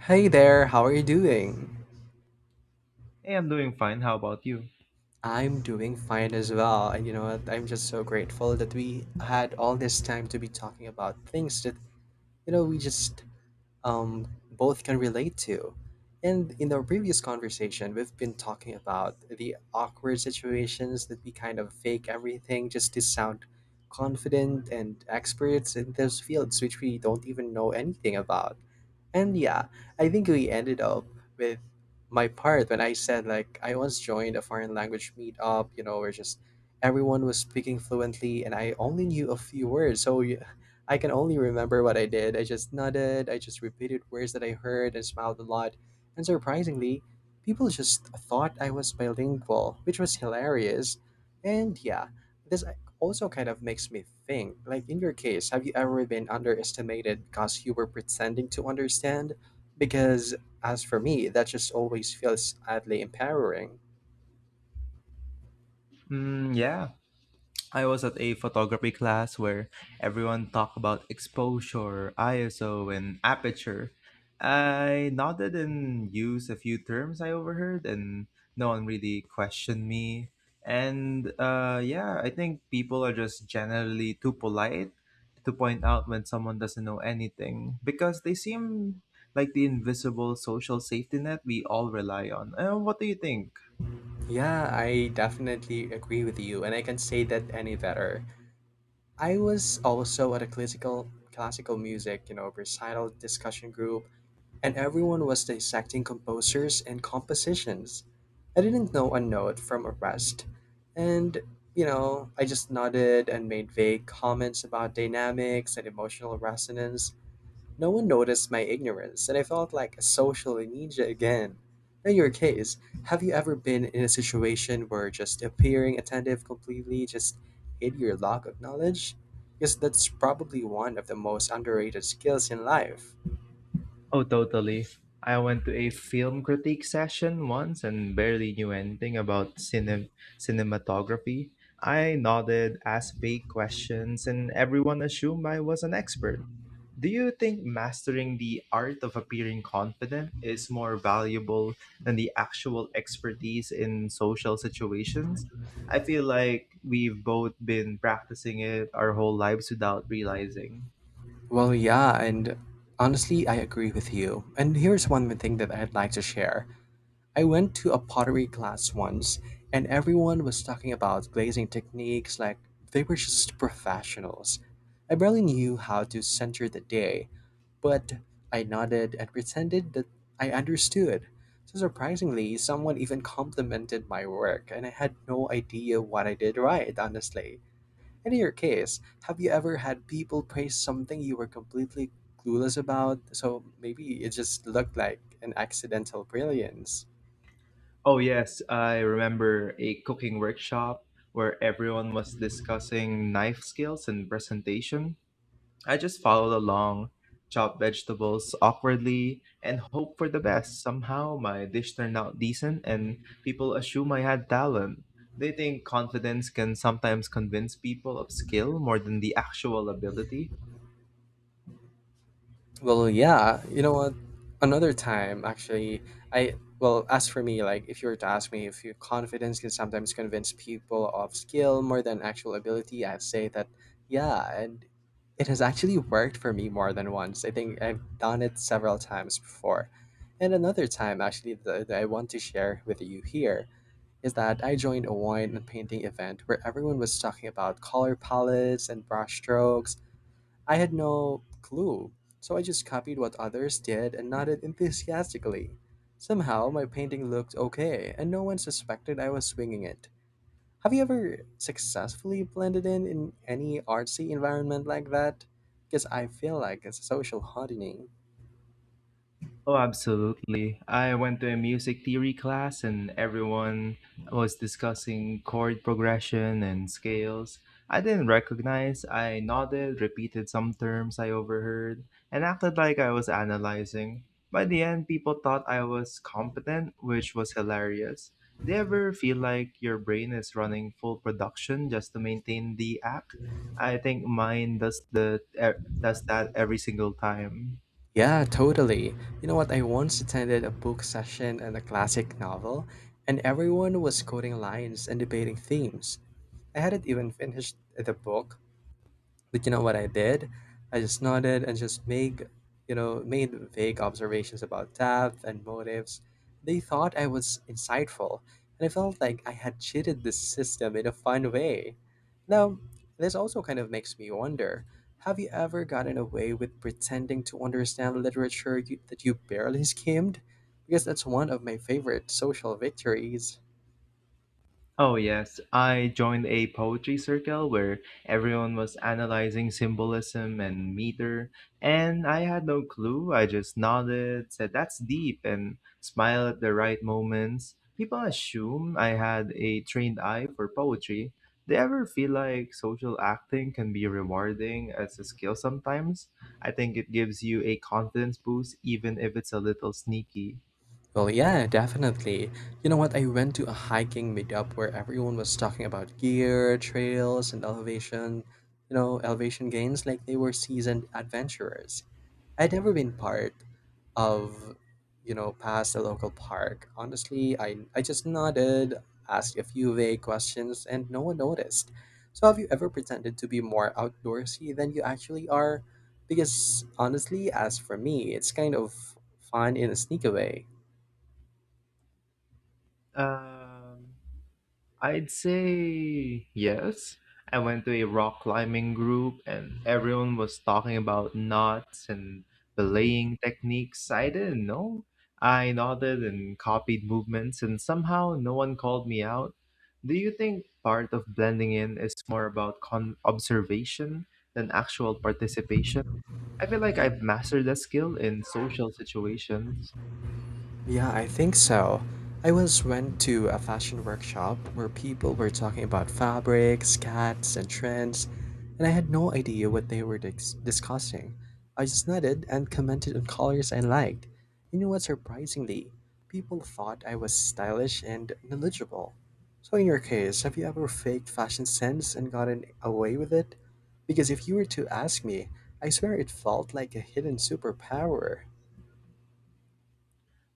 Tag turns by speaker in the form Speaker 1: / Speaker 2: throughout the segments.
Speaker 1: Hey there, how are you doing?
Speaker 2: Hey, I'm doing fine. How about you?
Speaker 1: I'm doing fine as well. And you know what? I'm just so grateful that we had all this time to be talking about things that, you know, we just um, both can relate to. And in our previous conversation, we've been talking about the awkward situations that we kind of fake everything just to sound confident and experts in those fields which we don't even know anything about. And yeah, I think we ended up with my part when I said, like, I once joined a foreign language meetup, you know, where just everyone was speaking fluently and I only knew a few words. So I can only remember what I did. I just nodded, I just repeated words that I heard and smiled a lot. And surprisingly, people just thought I was bilingual, which was hilarious. And yeah, this also kind of makes me think like, in your case, have you ever been underestimated because you were pretending to understand? Because as for me, that just always feels oddly empowering.
Speaker 2: Mm, yeah. I was at a photography class where everyone talked about exposure, ISO, and aperture. I nodded and used a few terms I overheard, and no one really questioned me. And Yeah, I think people are just generally too polite to point out when someone doesn't know anything because they seem like the invisible social safety net we all rely on. What do you think?
Speaker 1: Yeah, I definitely agree with you, and I can say that any better. I was also at a classical music, you know, recital discussion group, and everyone was dissecting composers and compositions. I didn't know a note from a rest, and you know, I just nodded and made vague comments about dynamics and emotional resonance. No one noticed my ignorance, and I felt like a social ninja again. In your case, have you ever been in a situation where just appearing attentive completely just hid your lack of knowledge? Because that's probably one of the most underrated skills in life.
Speaker 2: Oh, totally. I went to a film critique session once and barely knew anything about cinematography. I nodded, asked vague questions, and everyone assumed I was an expert. Do you think mastering the art of appearing confident is more valuable than the actual expertise in social situations? I feel like we've both been practicing it our whole lives without realizing.
Speaker 1: Well, yeah, and honestly, I agree with you. And here's one thing that I'd like to share. I went to a pottery class once, and everyone was talking about glazing techniques like they were just professionals. I barely knew how to center the day, but I nodded and pretended that I understood. So surprisingly, someone even complimented my work, and I had no idea what I did right, honestly. And in your case, have you ever had people praise something you were completely clueless about? So maybe it just looked like an accidental brilliance.
Speaker 2: Oh, yes, I remember a cooking workshop where everyone was discussing knife skills and presentation. I just followed along, chopped vegetables awkwardly, and hoped for the best. Somehow, my dish turned out decent, and people assume I had talent. They think confidence can sometimes convince people of skill more than the actual ability.
Speaker 1: Well, yeah. You know what? Another time, actually, I well, as for me, like if you were to ask me if your confidence can sometimes convince people of skill more than actual ability, I'd say that yeah, and it has actually worked for me more than once. I think I've done it several times before. And another time, actually, that I want to share with you here is that I joined a wine and painting event where everyone was talking about color palettes and brush strokes. I had no clue, so I just copied what others did and nodded enthusiastically. Somehow, my painting looked okay, and no one suspected I was swinging it. Have you ever successfully blended in any artsy environment like that? Because I feel like it's a social hardening.
Speaker 2: Oh, absolutely. I went to a music theory class and everyone was discussing chord progression and scales. I didn't recognize. I nodded, repeated some terms I overheard, and acted like I was analyzing. By the end, people thought I was competent, which was hilarious. Do you ever feel like your brain is running full production just to maintain the act? I think mine does that every single time.
Speaker 1: Yeah, totally. You know what? I once attended a book session and a classic novel, and everyone was quoting lines and debating themes. I hadn't even finished the book, but you know what I did? I just nodded and just make, you know, made vague observations about depth and motives. They thought I was insightful, and I felt like I had cheated the system in a fun way. Now, this also kind of makes me wonder, have you ever gotten away with pretending to understand that you barely skimmed? Because that's one of my favorite social victories.
Speaker 2: Oh, yes. I joined a poetry circle where everyone was analyzing symbolism and meter, and I had no clue. I just nodded, said, "That's deep," and smiled at the right moments. People assume I had a trained eye for poetry. Do you ever feel like social acting can be rewarding as a skill sometimes? I think it gives you a confidence boost, even if it's a little sneaky.
Speaker 1: Well, yeah, definitely. You know what? I went to a hiking meetup where everyone was talking about gear, trails, and elevation, you know, elevation gains like they were seasoned adventurers. I'd never been part of, you know, past the local park. Honestly, I just nodded, asked a few vague questions, and no one noticed. So, have you ever pretended to be more outdoorsy than you actually are? Because honestly, as for me, it's kind of fun in a sneaky way.
Speaker 2: Um, I'd say yes. I went to a rock climbing group and everyone was talking about knots and belaying techniques I didn't know. I nodded and copied movements, and somehow no one called me out. Do you think part of blending in is more about observation than actual participation? I feel like
Speaker 1: Ye-
Speaker 2: I've mastered that skill in social situations.
Speaker 1: Yeah, I think so. I once went to a fashion workshop where people were talking about fabrics, cats, and trends, and I had no idea what they were discussing. I just nodded and commented on colors I liked. You know what, surprisingly, people thought I was stylish and knowledgeable. So, in your case, have you ever faked fashion sense and gotten away with it? Because if you were to ask me, I swear it felt like a hidden superpower.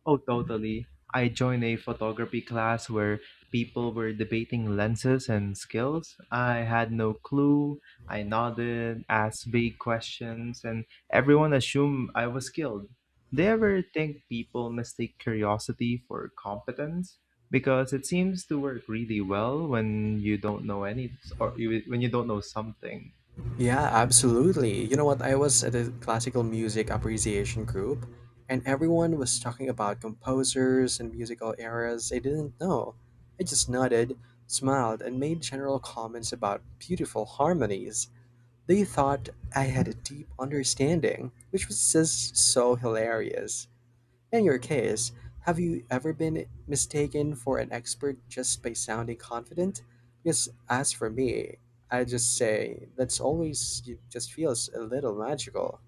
Speaker 2: Oh, totally. I joined a photography class where people were debating lenses and skills. I had no clue. I nodded, asked vague questions, and everyone assumed I was skilled. Do you ever think people mistake curiosity for competence? Because it seems to work really well when you don't know when you don't know something.
Speaker 1: Yeah, absolutely. You know what? I was at a classical music appreciation group, and everyone was talking about composers and musical eras I didn't know. I just nodded, smiled, and made general comments about beautiful harmonies. They thought I had a deep understanding, which was just so hilarious. In your case, have you ever been mistaken for an expert just by sounding confident? Because as for me, I just say that's always it just feels a little magical.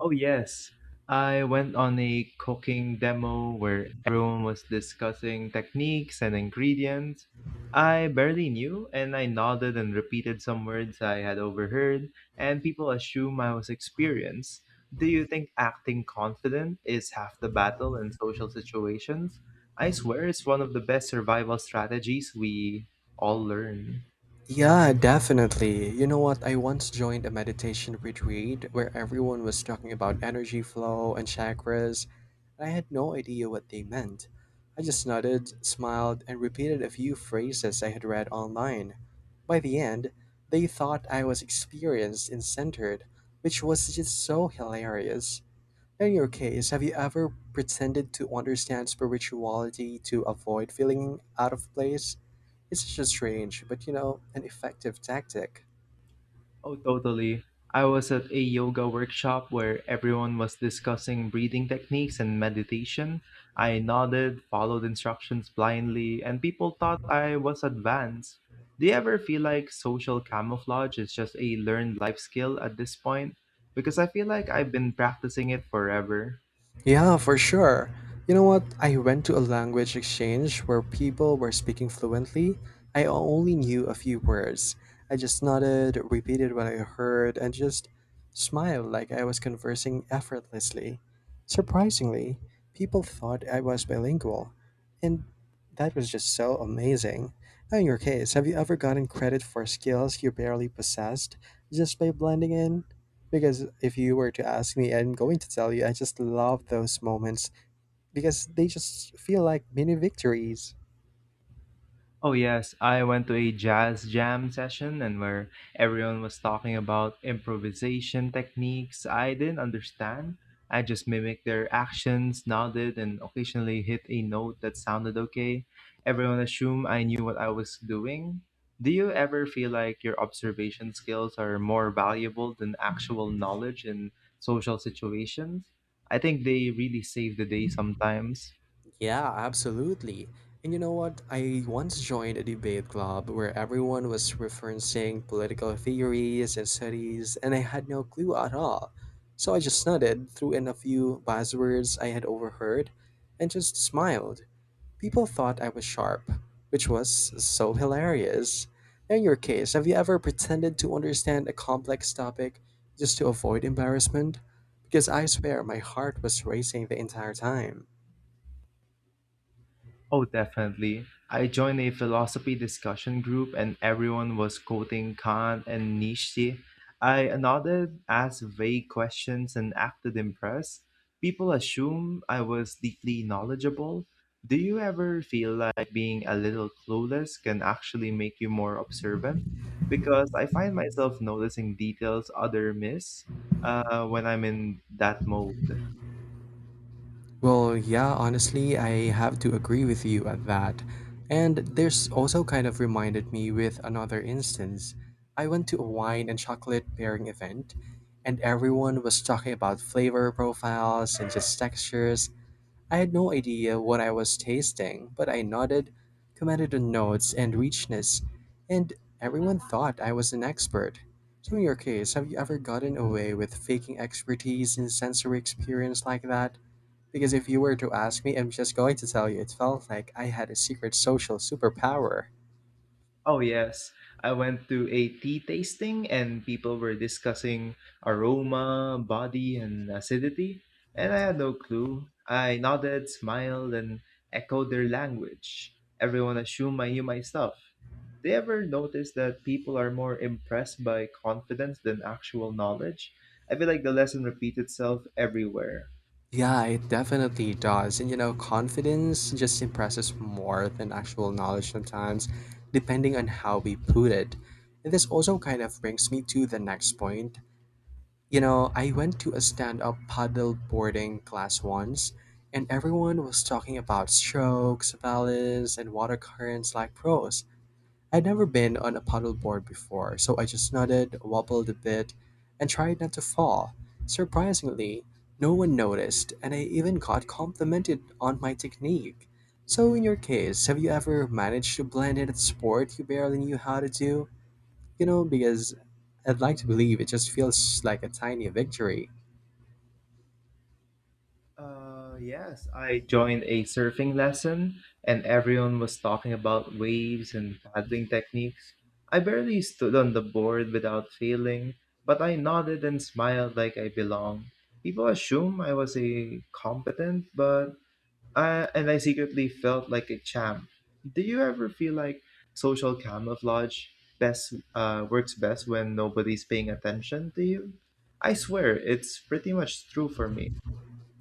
Speaker 2: Oh, yes. I went on a cooking demo where everyone was discussing techniques and ingredients. I barely knew, and I nodded and repeated some words I had overheard, and people assume I was experienced. Do you think acting confident is half the battle in social situations? I swear it's one of the best survival strategies we all learn.
Speaker 1: Yeah, definitely. You know what? I once joined a meditation retreat where everyone was talking about energy flow and chakras, and I had no idea what they meant. I just nodded, smiled, and repeated a few phrases I had read online. By the end, they thought I was experienced and centered, which was just so hilarious. In your case, have you ever pretended to understand spirituality to avoid feeling out of place? It's just strange, but you know, an effective tactic.
Speaker 2: Oh, totally. I was at a yoga workshop where everyone was discussing breathing techniques and meditation. I nodded, followed instructions blindly, and people thought I was advanced. Do you ever feel like social camouflage is just a learned life skill at this point? Because I feel like I've been practicing it forever.
Speaker 1: Yeah, for sure. You know what? I went to a language exchange where people were speaking fluently. I only knew a few words. I just nodded, repeated what I heard, and just smiled like I was conversing effortlessly. Surprisingly, people thought I was bilingual, and that was just so amazing. Now, in your case, have you ever gotten credit for skills you barely possessed just by blending in? Because if you were to ask me, I'm going to tell you, I just love those moments because they just feel like mini victories.
Speaker 2: Oh yes, I went to a jazz jam session and where everyone was talking about improvisation techniques I didn't understand. I just mimicked their actions, nodded, and occasionally hit a note that sounded okay. Everyone assumed I knew what I was doing. Do you ever feel like your observation skills are more valuable than actual knowledge in social situations? I think they really save the day sometimes.
Speaker 1: Yeah, absolutely. And you know what? I once joined a debate club where everyone was referencing political theories and studies, and I had no clue at all. So I just nodded, threw in a few buzzwords I had overheard, and just smiled. People thought I was sharp, which was so hilarious. In your case, have you ever pretended to understand a complex topic just to avoid embarrassment? Because I swear my heart was racing the entire time.
Speaker 2: Oh, definitely. I joined a philosophy discussion group and everyone was quoting Kant and Nietzsche. I nodded, asked vague questions, and acted impressed. People assume I was deeply knowledgeable. Do you ever feel like being a little clueless can actually make you more observant? Because I find myself noticing details other miss when I'm in that mode.
Speaker 1: Well, yeah, honestly, I have to agree with you at that. And this also kind of reminded me with another instance. I went to a wine and chocolate pairing event, and everyone was talking about flavor profiles and just textures. I had no idea what I was tasting, but I nodded, commented on notes and richness, and everyone thought I was an expert. So, in your case, have you ever gotten away with faking expertise in sensory experience like that? Because if you were to ask me, I'm just going to tell you it felt like I had a secret social superpower.
Speaker 2: Oh, yes. I went to a tea tasting and people were discussing aroma, body, and acidity, and I had no clue. I nodded, smiled, and echoed their language. Everyone assumed I knew my stuff. Do you ever notice that people are more impressed by confidence than actual knowledge? I feel like the lesson repeats itself everywhere.
Speaker 1: Yeah, it definitely does. And you know, confidence just impresses more than actual knowledge sometimes, depending on how we put it. And this also kind of brings me to the next point. You know, I went to a stand up paddle boarding class once, and everyone was talking about strokes, balance, and water currents like pros. I'd never been on a paddleboard before, so I just nodded, wobbled a bit, and tried not to fall. Surprisingly, no one noticed, and I even got complimented on my technique. So, in your case, have you ever managed to blend in a sport you barely knew how to do? You know, because I'd like to believe it just feels like a tiny victory.
Speaker 2: Yes, I joined a surfing lesson and everyone was talking about waves and paddling techniques. I barely stood on the board without failing, but I nodded and smiled like I belonged. People assume I was a competent, but and I secretly felt like a champ. Do you ever feel like social camouflage best works best when nobody's paying attention to you? I swear it's pretty much true for me.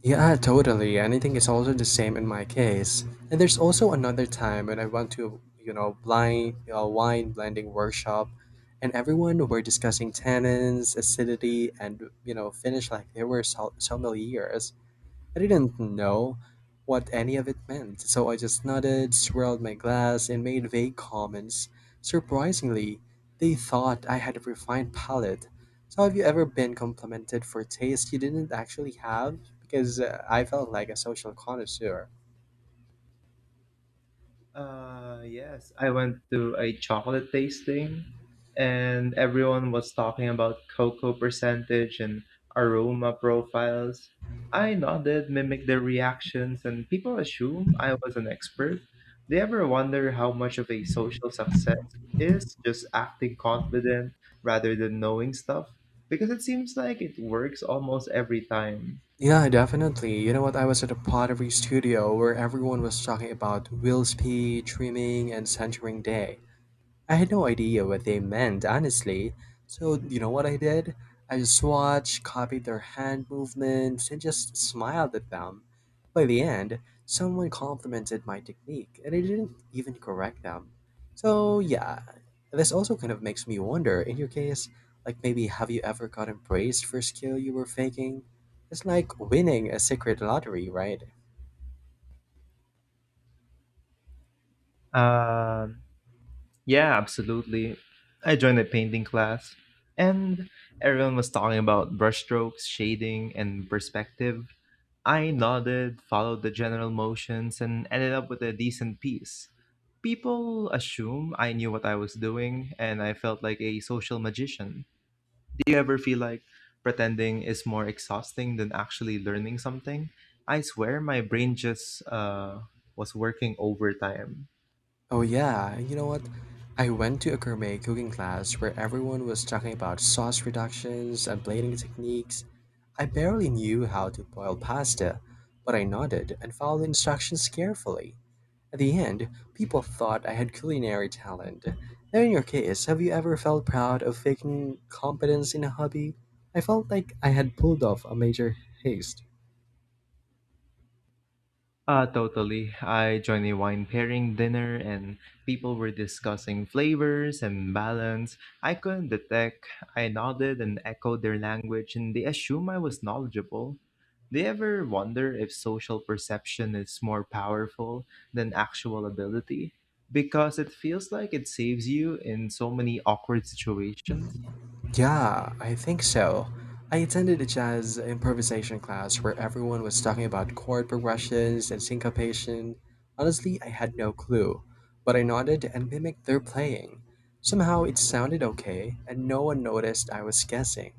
Speaker 1: Yeah, totally. And I think it's also the same in my case. And there's also another time when I went to, you know, blind wine blending workshop, and everyone were discussing tannins, acidity, and you know, finish like they were sommeliers. I didn't know what any of it meant, so I just nodded, swirled my glass, and made vague comments. Surprisingly, they thought I had a refined palate. So, have you ever been complimented for taste you didn't actually have? Because I felt like a social connoisseur.
Speaker 2: Yes, I went to a chocolate tasting and everyone was talking about cocoa percentage and aroma profiles. I nodded, mimicked their reactions, and people assume I was an expert. Do you ever wonder how much of a social success is just acting confident rather than knowing stuff? Because it seems like it works almost every time.
Speaker 1: Yeah, definitely. You know what? I was at a pottery studio where everyone was talking about wheel speed, trimming, and centering day. I had no idea what they meant, honestly. So, you know what I did? I just watched, copied their hand movements, and just smiled at them. By the end, someone complimented my technique, and I didn't even correct them. So, yeah, this also kind of makes me wonder in your case, like maybe have you ever gotten praised for a skill you were faking? It's like winning a secret lottery, right?
Speaker 2: Um, Yeah, absolutely. I joined a painting class, and everyone was talking about brushstrokes, shading, and perspective. I nodded, followed the general motions, and ended up with a decent piece. People assume I knew what I was doing, and I felt like a social magician. Do you ever feel like pretending is more exhausting than actually learning something? I swear my brain just was working overtime.
Speaker 1: Oh yeah, you know what? I went to a gourmet cooking class where everyone was talking about sauce reductions and plating techniques. I barely knew how to boil pasta, but I nodded and followed instructions carefully. At the end, people thought I had culinary talent. Now, in your case, have you ever felt proud of faking competence in a hobby? I felt like I had pulled off a major heist.
Speaker 2: Totally. I joined a wine pairing dinner and people were discussing flavors and balance. I couldn't detect. I nodded and echoed their language, and they assume I was knowledgeable. Do you ever wonder if social perception is more powerful than actual ability? Because it feels like it saves you in so many awkward situations.
Speaker 1: Yeah, I think so. I attended a jazz improvisation class where everyone was talking about chord progressions and syncopation. Honestly, I had no clue, but I nodded and mimicked their playing. Somehow it sounded okay, and no one noticed I was guessing.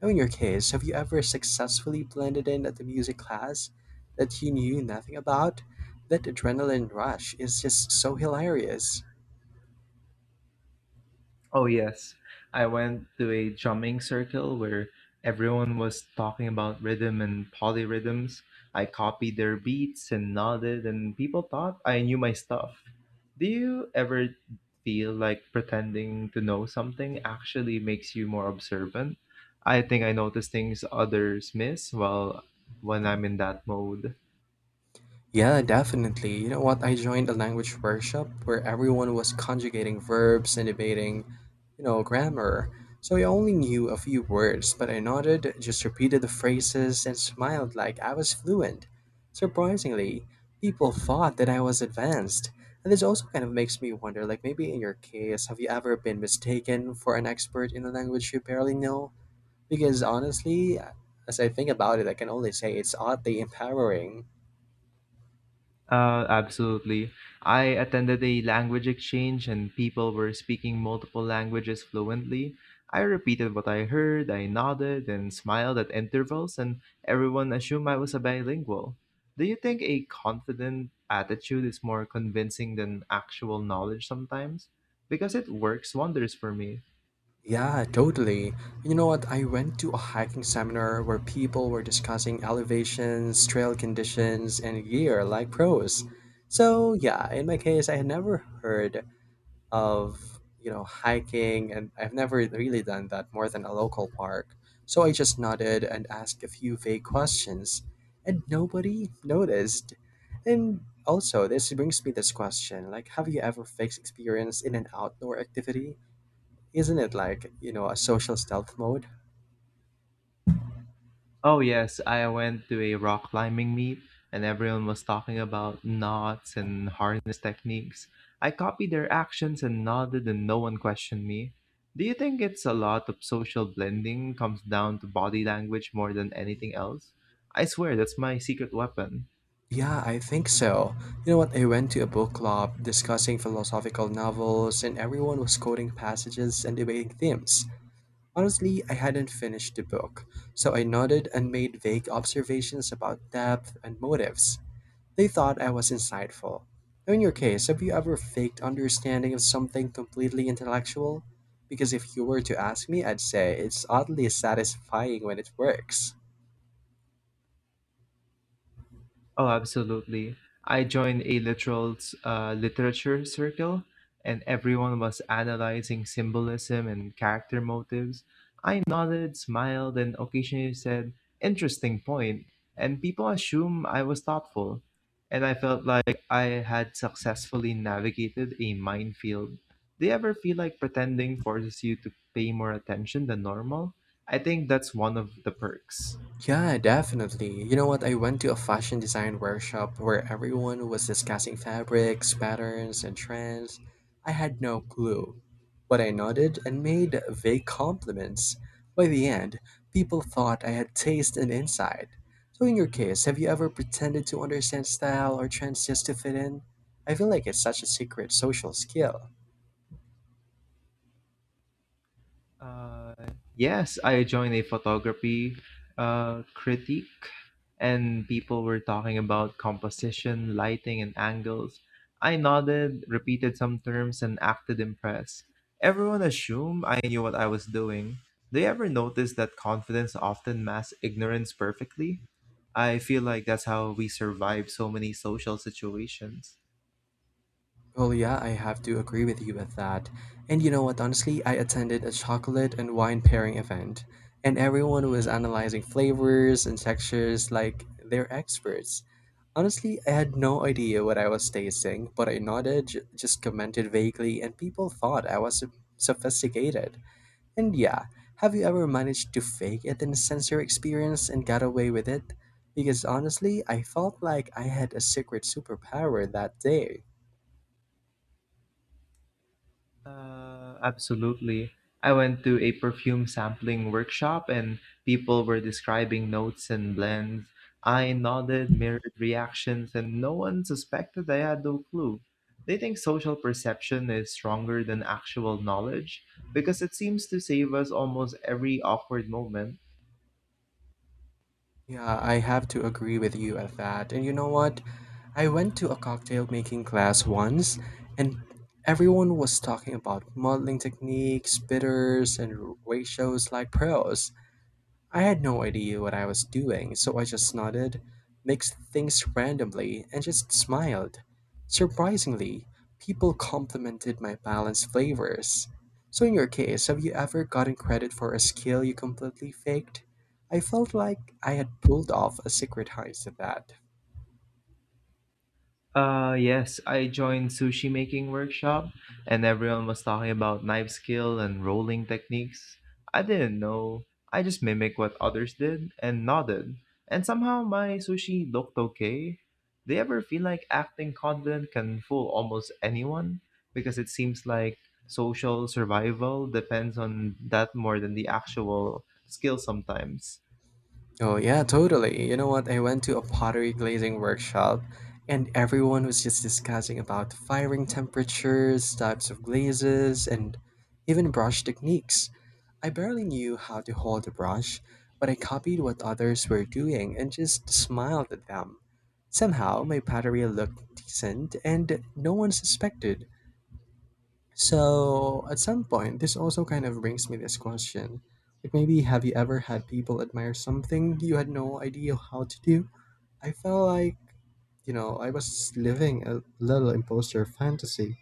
Speaker 1: Now, in your case, have you ever successfully blended in at the music class that you knew nothing about? That adrenaline rush is just so hilarious.
Speaker 2: Oh, yes. I went to a drumming circle where everyone was talking about rhythm and polyrhythms. I copied their beats and nodded, and people thought I knew my stuff. Do you ever feel like pretending to know something actually makes you more observant? I think I notice things others miss while when I'm in that mode.
Speaker 1: Yeah, definitely. You know what? I joined a language workshop where everyone was conjugating verbs and debating, grammar. So I only knew a few words, but I nodded, just repeated the phrases, and smiled like I was fluent. Surprisingly, people thought that I was advanced. And this also kind of makes me wonder like, maybe in your case, have you ever been mistaken for an expert in a language you barely know? Because honestly, as I think about it, I can only say it's oddly empowering.
Speaker 2: Absolutely. I attended a language exchange and people were speaking multiple languages fluently. I repeated what I heard, I nodded and smiled at intervals, and everyone assumed I was a bilingual. Do you think a confident attitude is more convincing than actual knowledge sometimes? Because it works wonders for me.
Speaker 1: Yeah, totally. You know what? I went to a hiking seminar where people were discussing elevations, trail conditions, and gear like pros. So, yeah, in my case, I had never heard of, hiking, and I've never really done that more than a local park. So I just nodded and asked a few vague questions, and nobody noticed. And also, this brings me this question, like, have you ever faced experience in an outdoor activity? Isn't it like, a social stealth mode?
Speaker 2: Oh yes, I went to a rock climbing meet and everyone was talking about knots and harness techniques. I copied their actions and nodded and no one questioned me. Do you think it's a lot of social blending comes down to body language more than anything else? I swear that's my secret weapon.
Speaker 1: Yeah, I think so. You know what? I went to a book club discussing philosophical novels, and everyone was quoting passages and debating themes. Honestly, I hadn't finished the book, so I nodded and made vague observations about depth and motives. They thought I was insightful. Now, in your case, have you ever faked understanding of something completely intellectual? Because if you were to ask me, I'd say it's oddly satisfying when it works.
Speaker 2: Oh, absolutely. I joined a literal literature circle, and everyone was analyzing symbolism and character motives. I nodded, smiled, and occasionally said, "Interesting point." And people assumed I was thoughtful. And I felt like I had successfully navigated a minefield. Do you ever feel like pretending forces you to pay more attention than normal? I think that's one of the perks.
Speaker 1: Yeah, definitely. You know what? I went to a fashion design workshop where everyone was discussing fabrics, patterns, and trends. I had no clue, but I nodded and made vague compliments. By the end, people thought I had taste and insight. So, in your case, have you ever pretended to understand style or trends just to fit in? I feel like it's such a secret social skill.
Speaker 2: Uh, yes, I joined a photography critique, and people were talking about composition, lighting, and angles. I nodded, repeated some terms, and acted impressed. Everyone assumed I knew what I was doing. Do you ever notice that confidence often masks ignorance perfectly? I feel like that's how we survive so many social situations.
Speaker 1: Well, yeah, I have to agree with you with that. And you know what, honestly, I attended a chocolate and wine pairing event, and everyone was analyzing flavors and textures like they're experts. Honestly, I had no idea what I was tasting, but I nodded, just commented vaguely, and people thought I was sophisticated. And yeah, have you ever managed to fake it in a sensory experience and got away with it? Because honestly, I felt like I had a secret superpower that day.
Speaker 2: Absolutely. I went to a perfume sampling workshop and people were describing notes and blends. I nodded, mirrored reactions, and no one suspected I had no clue. They think social perception is stronger than actual knowledge because it seems to save us almost every awkward moment.
Speaker 1: Yeah, I have to agree with you at that. And you know what? I went to a cocktail making class once, and everyone was talking about modeling techniques, bitters, and ratios like pros. I had no idea what I was doing, so I just nodded, mixed things randomly, and just smiled. Surprisingly, people complimented my balanced flavors. So, in your case, have you ever gotten credit for a skill you completely faked? I felt like I had pulled off a secret heist at that.
Speaker 2: Yes, I joined sushi making workshop and everyone was talking about knife skill and rolling techniques. I didn't know. I just mimicked what others did and nodded. And somehow my sushi looked okay. Do you ever feel like acting confident can fool almost anyone? Because it seems like social survival depends on that more than the actual skill sometimes.
Speaker 1: Oh, yeah, totally. You know what? I went to a pottery glazing workshop and everyone was just discussing about firing temperatures, types of glazes, and even brush techniques. I barely knew how to hold a brush, but I copied what others were doing and just smiled at them. Somehow, my pottery looked decent and no one suspected. So at some point, this also kind of brings me this question. Like maybe have you ever had people admire something you had no idea how to do? I felt like, I was living a little imposter fantasy.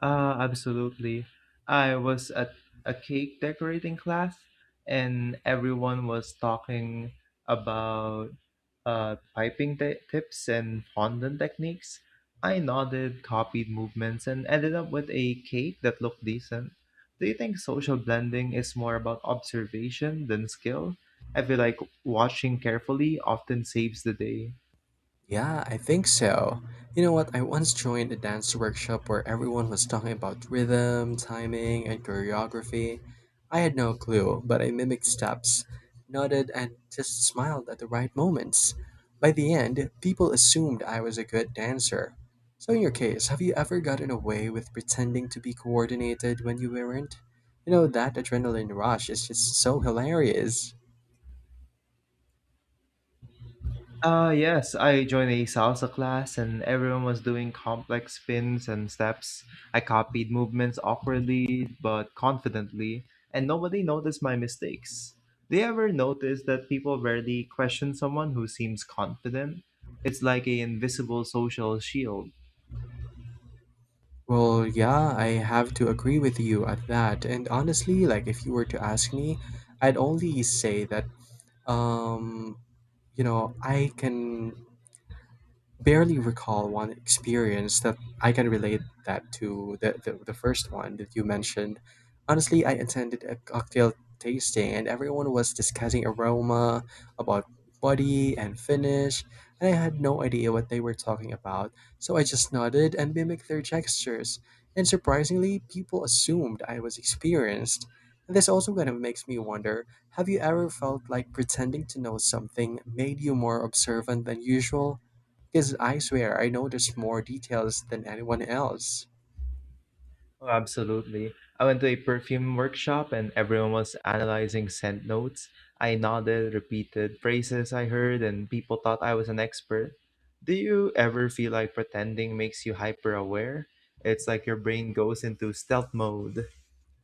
Speaker 2: Absolutely. I was at a cake decorating class, and everyone was talking about piping tips and fondant techniques. I nodded, copied movements, and ended up with a cake that looked decent. Do you think social blending is more about observation than skill? I feel like watching carefully often saves the day.
Speaker 1: Yeah, I think so. You know what? I once joined a dance workshop where everyone was talking about rhythm, timing, and choreography. I had no clue, but I mimicked steps, nodded, and just smiled at the right moments. By the end, people assumed I was a good dancer. So, in your case, have you ever gotten away with pretending to be coordinated when you weren't? That adrenaline rush is just so hilarious.
Speaker 2: Yes, I joined a salsa class and everyone was doing complex spins and steps. I copied movements awkwardly but confidently, and nobody noticed my mistakes. Do you ever notice that people rarely question someone who seems confident? It's like an invisible social shield.
Speaker 1: Well, yeah, I have to agree with you at that. And honestly, like if you were to ask me, I'd only say that um, I can barely recall one experience that I can relate that to the first one that you mentioned. Honestly, I attended a cocktail tasting and everyone was discussing aroma, about body and finish, and I had no idea what they were talking about, so I just nodded and mimicked their gestures. And surprisingly, people assumed I was experienced. And this also kind of makes me wonder, have you ever felt like pretending to know something made you more observant than usual? Because I swear I noticed more details than anyone else.
Speaker 2: Oh, absolutely. I went to a perfume workshop and everyone was analyzing scent notes. I nodded, repeated phrases I heard, and people thought I was an expert. Do you ever feel like pretending makes you hyper aware? It's like your brain goes into stealth mode.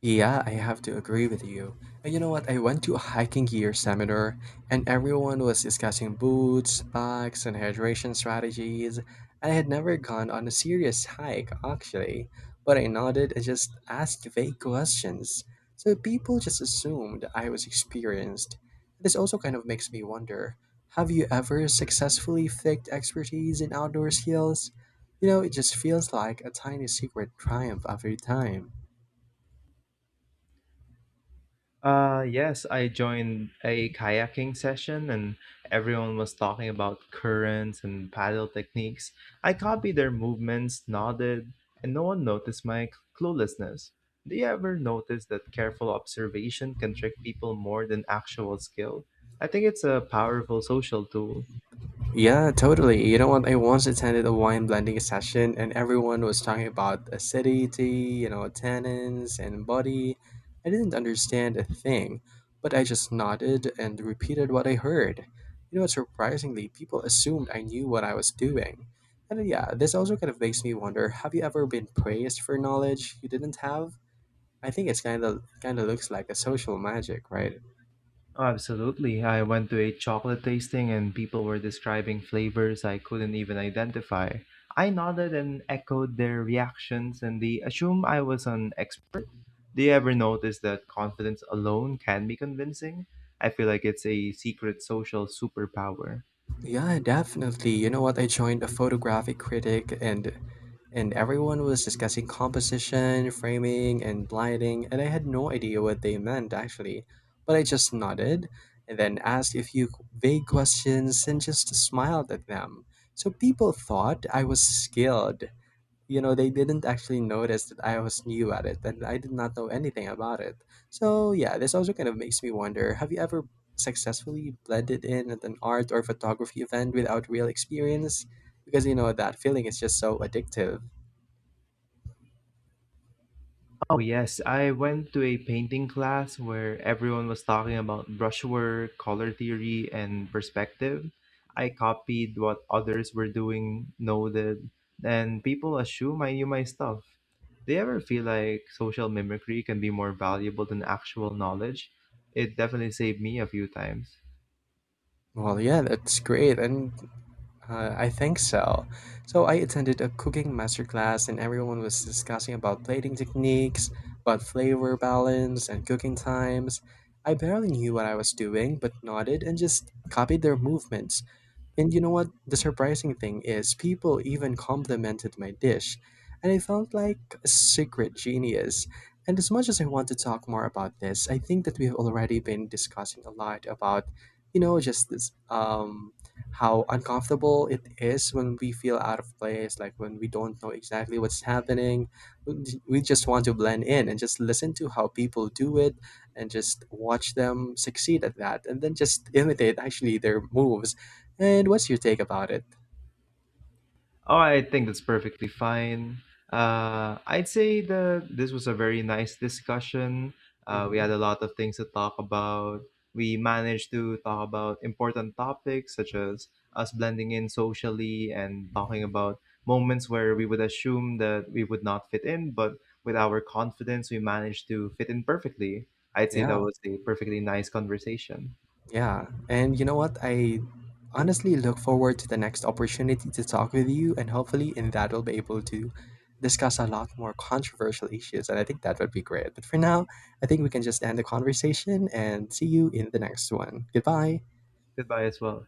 Speaker 1: Yeah, I have to agree with you. And you know what? I went to a hiking gear seminar and everyone was discussing boots, packs, and hydration strategies. I had never gone on a serious hike, actually, but I nodded and just asked vague questions. So people just assumed I was experienced. This also kind of makes me wonder, have you ever successfully faked expertise in outdoor skills? You know, it just feels like a tiny secret triumph every time.
Speaker 2: Yes, I joined a kayaking session and everyone was talking about currents and paddle techniques. I copied their movements, nodded, and no one noticed my cluelessness. Do you ever notice that careful observation can trick people more than actual skill? I think it's a powerful social tool.
Speaker 1: Yeah, totally. You know what? I once attended a wine blending session and everyone was talking about acidity, tannins and body. I didn't understand a thing, but I just nodded and repeated what I heard. Surprisingly, people assumed I knew what I was doing. And yeah, this also kind of makes me wonder, have you ever been praised for knowledge you didn't have? I think it's kind of looks like a social magic, right?
Speaker 2: Absolutely. I went to a chocolate tasting and people were describing flavors I couldn't even identify. I nodded and echoed their reactions, and they assumed I was an expert. Do you ever notice that confidence alone can be convincing? I feel like it's a secret social superpower.
Speaker 1: Yeah, definitely. You know what? I joined a photographic critic and everyone was discussing composition, framing, and lighting, and I had no idea what they meant actually. But I just nodded and then asked a few vague questions and just smiled at them. So people thought I was skilled. They didn't actually notice that I was new at it, and I did not know anything about it. So yeah, this also kind of makes me wonder, have you ever successfully blended in at an art or photography event without real experience? Because that feeling is just so addictive.
Speaker 2: Oh, yes. I went to a painting class where everyone was talking about brushwork, color theory, and perspective. I copied what others were doing, noted, and people assume I knew my stuff. Do you ever feel like social mimicry can be more valuable than actual knowledge? It definitely saved me a few times.
Speaker 1: Well, yeah, that's great. And I think so. So I attended a cooking masterclass and everyone was discussing about plating techniques, about flavor balance and cooking times. I barely knew what I was doing, but nodded and just copied their movements. And you know what? The surprising thing is, people even complimented my dish, and I felt like a secret genius. And as much as I want to talk more about this, I think that we've already been discussing a lot about, just this, how uncomfortable it is when we feel out of place, like when we don't know exactly what's happening. We just want to blend in and just listen to how people do it and just watch them succeed at that and then just imitate actually their moves. And what's your take about it?
Speaker 2: Oh, I think that's perfectly fine. I'd say that this was a very nice discussion. We had
Speaker 1: Hmm.
Speaker 2: a lot of things to talk about. We managed to talk about important topics such as us blending in socially and talking about moments where we would assume that we would not fit in, but with our confidence, we managed to fit in perfectly. I'd say that
Speaker 1: Yeah,
Speaker 2: was a perfectly nice conversation.
Speaker 1: yeah. And you know what? I honestly look forward to the next opportunity to talk with you, and hopefully, in that, we'll be able to discuss a lot more controversial issues. And I think that would be great. But for now, I think we can just end the conversation and see you in the next one. Goodbye.
Speaker 2: Goodbye as well.